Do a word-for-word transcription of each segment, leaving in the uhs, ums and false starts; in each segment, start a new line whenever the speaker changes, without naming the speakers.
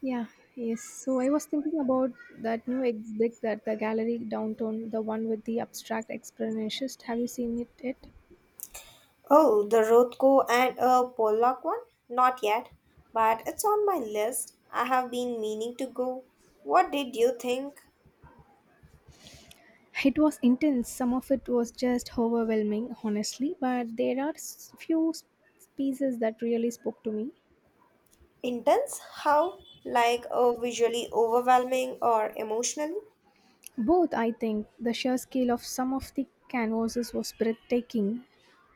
Yeah, yes. So I was thinking about that new exhibit at the gallery downtown, the one with the abstract expressionist. Have you seen it yet?
Oh, the Rothko and uh, Pollock one? Not yet, but it's on my list. I have been meaning to go. What did you think?
It was intense. Some of it was just overwhelming, honestly, but there are s- few s- pieces that really spoke to me.
Intense? How? Like uh, visually overwhelming or emotionally?
Both, I think, the sheer scale of some of the canvases was breathtaking,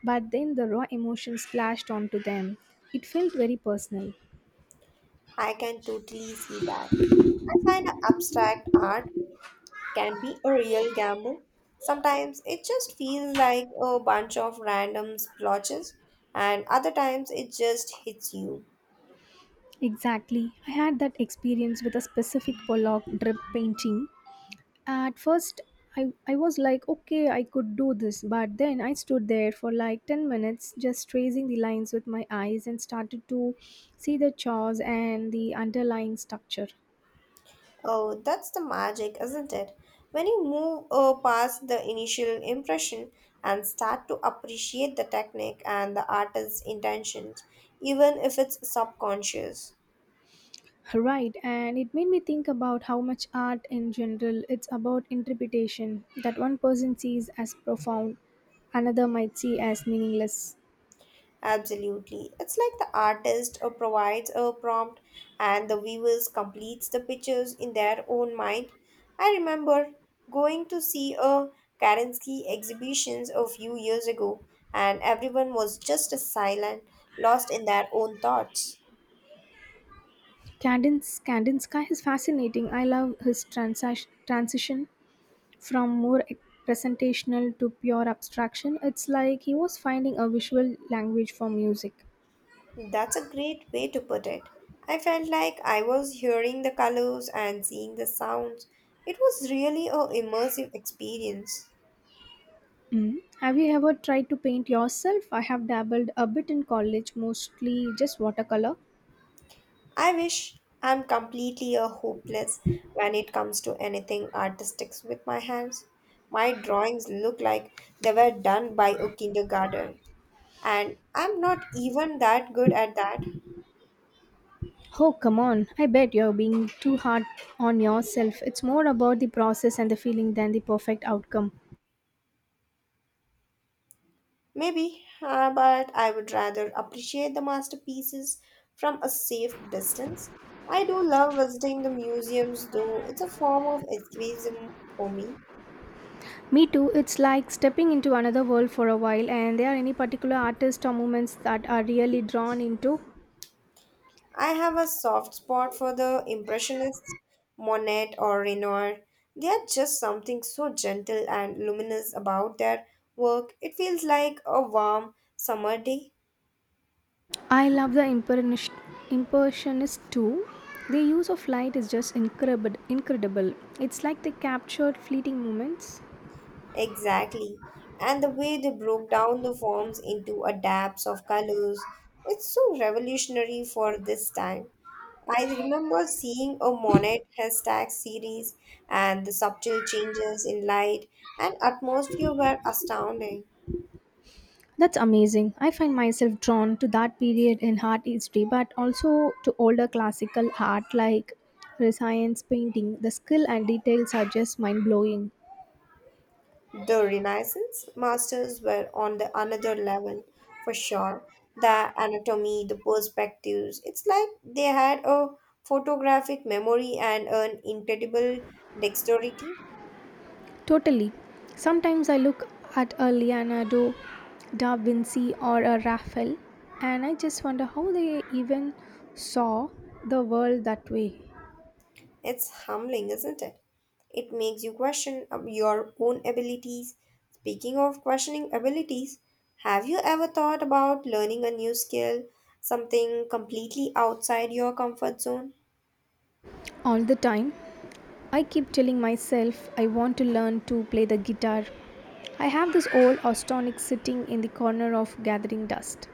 but then the raw emotion splashed onto them. It felt very personal.
I can totally see that. I find abstract art can be a real gamble. Sometimes it just feels like a bunch of random splotches, and other times it just hits you.
Exactly. I had that experience with a specific Pollock drip painting. At first, I, I was like, okay, I could do this, but then I stood there for like ten minutes just tracing the lines with my eyes and started to see the chores and the underlying structure.
Oh, that's the magic, isn't it? When you move uh, past the initial impression and start to appreciate the technique and the artist's intentions, even if it's subconscious.
Right, and it made me think about how much art in general it's about interpretation that one person sees as profound, another might see as meaningless.
Absolutely. It's like the artist uh, provides a prompt and the viewers completes the pictures in their own mind. I remember going to see a Kerensky exhibitions a few years ago and everyone was just as silent, lost in their own thoughts.
Cadence Kandinsky is fascinating. I love his transa- transition from more presentational to pure abstraction. It's like he was finding a visual language for music.
That's a great way to put it. I felt like I was hearing the colors and seeing the sounds. It was really a immersive experience.
Mm. Have you ever tried to paint yourself? I have dabbled a bit in college, mostly just watercolor.
I wish I'm completely a hopeless when it comes to anything artistic with my hands. My drawings look like they were done by a kindergarten, and I'm not even that good at that.
Oh, come on. I bet you're being too hard on yourself. It's more about the process and the feeling than the perfect outcome.
Maybe, uh, but I would rather appreciate the masterpieces from a safe distance. I do love visiting the museums, though it's a form of escapism for me.
Me too. It's like stepping into another world for a while. And there are any particular artists or movements that are really drawn into?
I have a soft spot for the Impressionists, Monet or Renoir. They are just something so gentle and luminous about their work. It feels like a warm summer day.
I love the impernish- impersionists too. Their use of light is just incredible. Incredible. It's like they captured fleeting moments.
Exactly. And the way they broke down the forms into adapts of colors, it's so revolutionary for this time. I remember seeing a Monet hashtag series and the subtle changes in light and atmosphere were astounding.
That's amazing. I find myself drawn to that period in art history, but also to older classical art like Renaissance painting. The skill and details are just mind blowing.
The Renaissance masters were on the another level for sure. The anatomy, the perspectives, it's like they had a photographic memory and an incredible dexterity.
Totally. Sometimes I look at a Leonardo da Vinci or a Raphael and I just wonder how they even saw the world that way.
It's humbling, isn't it? It makes you question ab- your own abilities. Speaking of questioning abilities, have you ever thought about learning a new skill, something completely outside your comfort zone?
All the time, I keep telling myself I want to learn to play the guitar. I have this old Austonic sitting in the corner of gathering dust.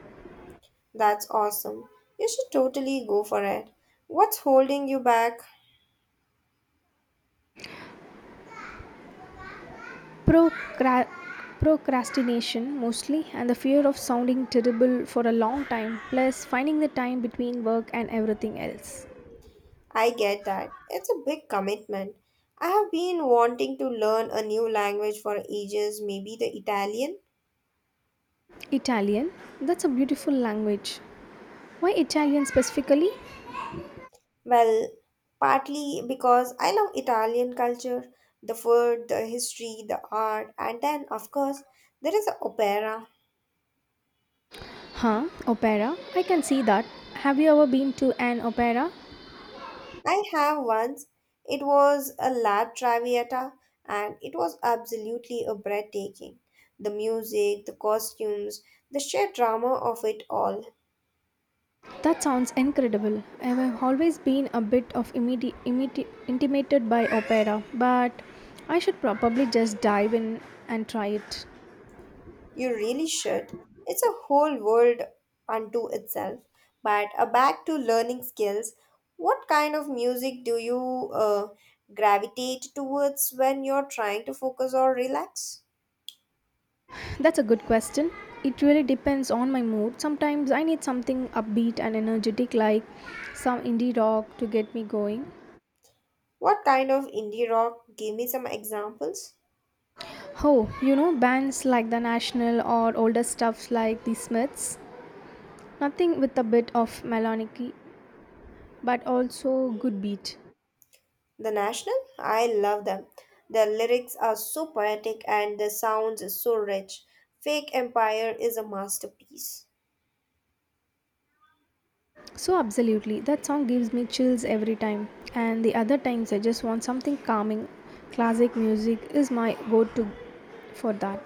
That's awesome. You should totally go for it. What's holding you back?
Procra- procrastination mostly and the fear of sounding terrible for a long time plus finding the time between work and everything else.
I get that. It's a big commitment. I have been wanting to learn a new language for ages, maybe the Italian.
Italian? That's a beautiful language. Why Italian specifically?
Well, partly because I love Italian culture, the food, the history, the art, and then, of course, there is opera.
Huh, opera? I can see that. Have you ever been to an opera?
I have once. It was a La Traviata, and it was absolutely a breathtaking. The music, the costumes, the sheer drama of it all.
That sounds incredible. I have always been a bit of immedi- immedi- intimidated by opera, but I should probably just dive in and try it.
You really should. It's a whole world unto itself. But uh, back to learning skills, what kind of music do you uh, gravitate towards when you're trying to focus or relax?
That's a good question. It really depends on my mood. Sometimes I need something upbeat and energetic, like some indie rock to get me going.
What kind of indie rock? Give me some examples.
Oh, you know, bands like the National or older stuffs like the Smiths. Nothing with a bit of melancholy, but also good beat.
The National? I love them. Their lyrics are so poetic and the sounds are so rich. Fake Empire is a masterpiece.
So, absolutely, that song gives me chills every time. And the other times I just want something calming. Classic music is my go to for that.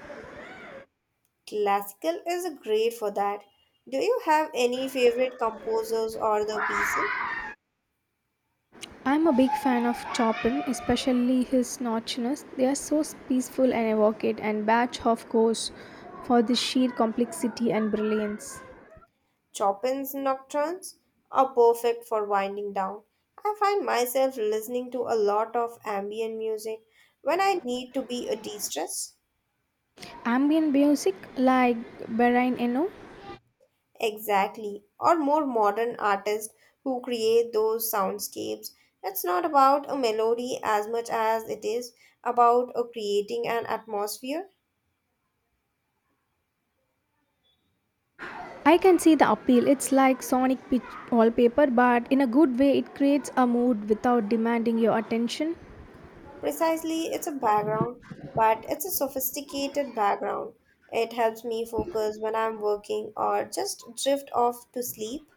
Classical is great for that. Do you have any favorite composers or the pieces?
I'm a big fan of Chopin, especially his notchness. They are so peaceful and evocative, and Bach, of course, for the sheer complexity and brilliance.
Chopin's Nocturnes are perfect for winding down. I find myself listening to a lot of ambient music when I need to be a de-stress.
Ambient music like Bahrain, you know.
Exactly. Or more modern artists who create those soundscapes. It's not about a melody as much as it is about uh, creating an atmosphere.
I can see the appeal. It's like sonic pitch wallpaper, but in a good way, it creates a mood without demanding your attention.
Precisely, it's a background, but it's a sophisticated background. It helps me focus when I'm working or just drift off to sleep.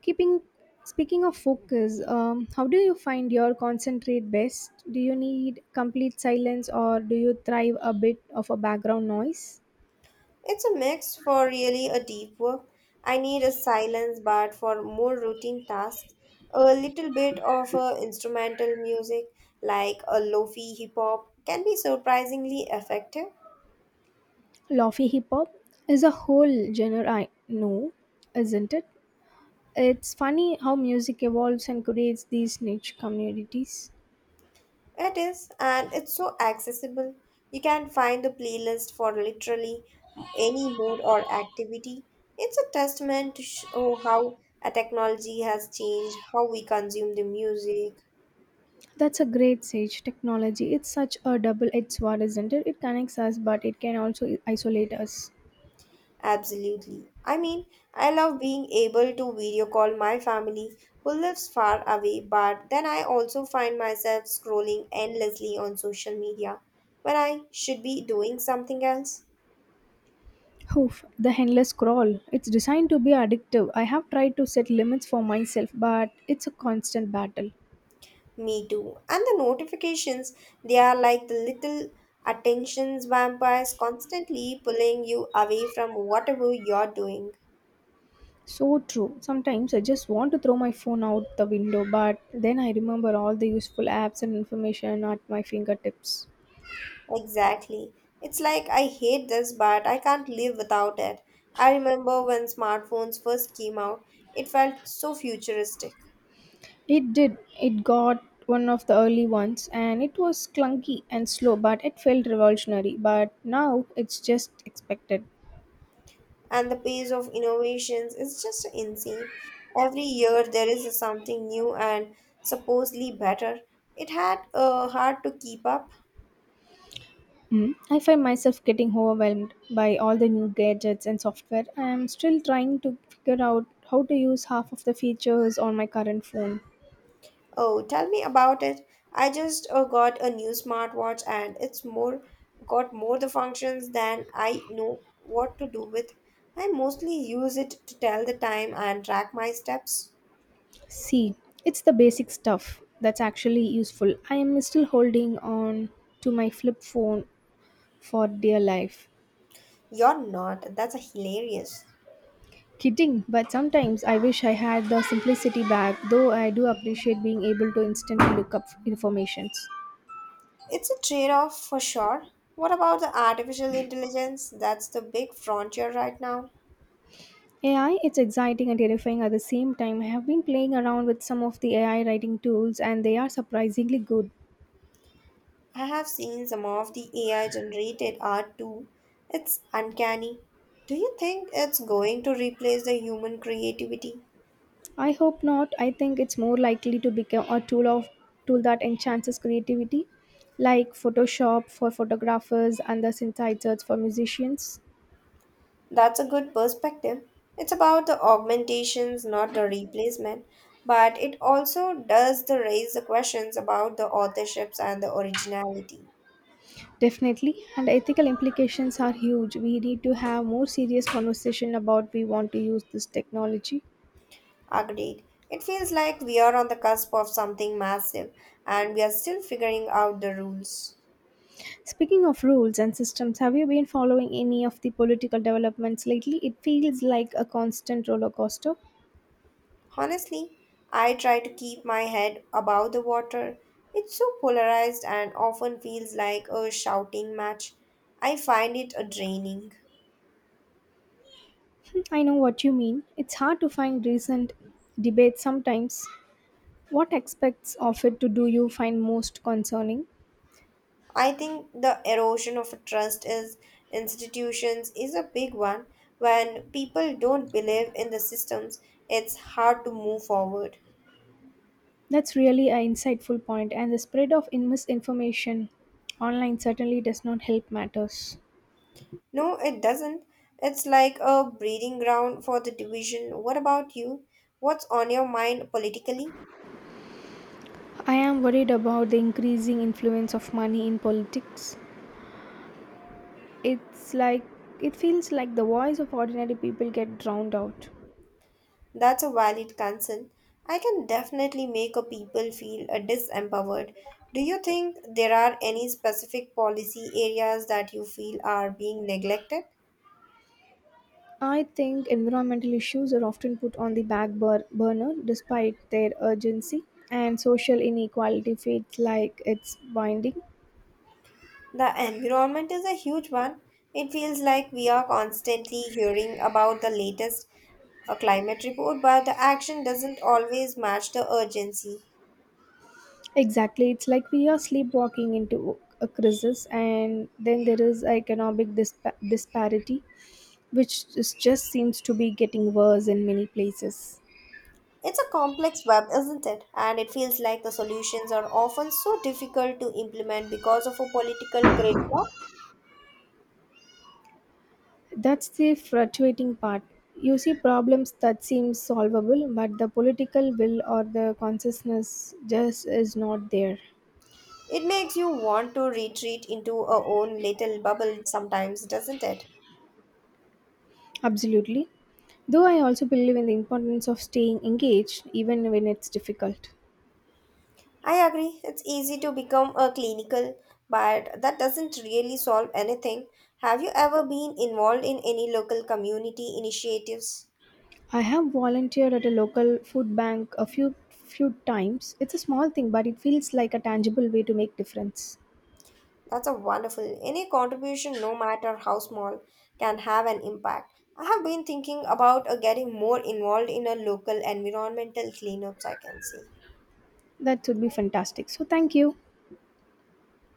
Keeping speaking of focus, um, how do you find your concentrate best? Do you need complete silence, or do you thrive a bit of a background noise?
It's a mix for really a deep work. I need a silence, but for more routine tasks, a little bit of a instrumental music like a lofi hip hop can be surprisingly effective.
Lofi hip hop is a whole genre I know, isn't it? It's funny how music evolves and creates these niche communities.
It is, and it's so accessible. You can find the playlist for literally any mood or activity. It's a testament to show how a technology has changed how we consume the music.
That's a great sage technology. It's such a double-edged sword, isn't it? It connects us, but it can also isolate us.
Absolutely. I mean, I love being able to video call my family who lives far away, but then I also find myself scrolling endlessly on social media when I should be doing something else.
Oof, the endless scroll. It's designed to be addictive. I have tried to set limits for myself, but it's a constant battle.
Me too. And the notifications, they are like the little attentions vampires constantly pulling you away from whatever you're doing.
So true. Sometimes I just want to throw my phone out the window, but then I remember all the useful apps and information at my fingertips.
Exactly. It's like I hate this, but I can't live without it. I remember when smartphones first came out, it felt so futuristic.
It did. It got one of the early ones and it was clunky and slow, but it felt revolutionary. But now it's just expected.
And the pace of innovations is just insane. Every year there is something new and supposedly better. It had uh, hard to keep up.
Mm. I find myself getting overwhelmed by all the new gadgets and software. I am still trying to figure out how to use half of the features on my current phone.
Oh, tell me about it. I just uh, got a new smartwatch and it's more got more the functions than I know what to do with. I mostly use it to tell the time and track my steps.
See, it's the basic stuff that's actually useful. I am still holding on to my flip phone for dear life.
You're not. That's hilarious.
Kidding, but sometimes I wish I had the simplicity back, though I do appreciate being able to instantly look up informations.
It's a trade-off for sure. What about the artificial intelligence? That's the big frontier right now.
A I, it's exciting and terrifying at the same time. I have been playing around with some of the A I writing tools and they are surprisingly good.
I have seen some of the A I generated art too. It's uncanny. Do you think it's going to replace the human creativity?
I hope not. I think it's more likely to become a tool of tool that enhances creativity, like Photoshop for photographers and the synthesizers for musicians.
That's a good perspective. It's about the augmentations, not the replacement, but it also does the raise the questions about the authorships and the originality.
Definitely, and ethical implications are huge. We need to have more serious conversation about we want to use this technology.
Agreed. It feels like we are on the cusp of something massive and we are still figuring out the rules.
Speaking of rules and systems, have you been following any of the political developments lately? It feels like a constant roller coaster.
Honestly, I try to keep my head above the water. It's so polarized and often feels like a shouting match. I find it a draining.
Hmm, I know what you mean. It's hard to find recent debates sometimes. What aspects of it to do you find most concerning?
I think the erosion of trust is institutions is a big one. When people don't believe in the systems, it's hard to move forward.
That's really an insightful point, and the spread of misinformation online certainly does not help matters.
No, it doesn't. It's like a breeding ground for the division. What about you? What's on your mind politically?
I am worried about the increasing influence of money in politics. It's like it feels like the voice of ordinary people get drowned out.
That's a valid concern. I can definitely make a people feel uh, disempowered. Do you think there are any specific policy areas that you feel are being neglected?
I think environmental issues are often put on the back bur- burner despite their urgency, and social inequality feels like it's binding.
The environment is a huge one. It feels like we are constantly hearing about the latest uh, climate report, but the action doesn't always match the urgency.
Exactly, it's like we are sleepwalking into a crisis, and then there is economic dispa- disparity, which is- just seems to be getting worse in many places.
It's a complex web, isn't it? And it feels like the solutions are often so difficult to implement because of a political gridlock.
That's the frustrating part. You see problems that seem solvable, but the political will or the consciousness just is not there.
It makes you want to retreat into our own little bubble sometimes, doesn't it?
Absolutely. Though I also believe in the importance of staying engaged even when it's difficult.
I agree, it's easy to become a clinical, but that doesn't really solve anything. Have you ever been involved in any local community initiatives?
I have volunteered at a local food bank a few few times. It's a small thing, but it feels like a tangible way to make difference.
That's a wonderful. Any contribution, no matter how small, can have an impact. I have been thinking about uh, getting more involved in a local environmental cleanups, I can say.
That would be fantastic. So thank you.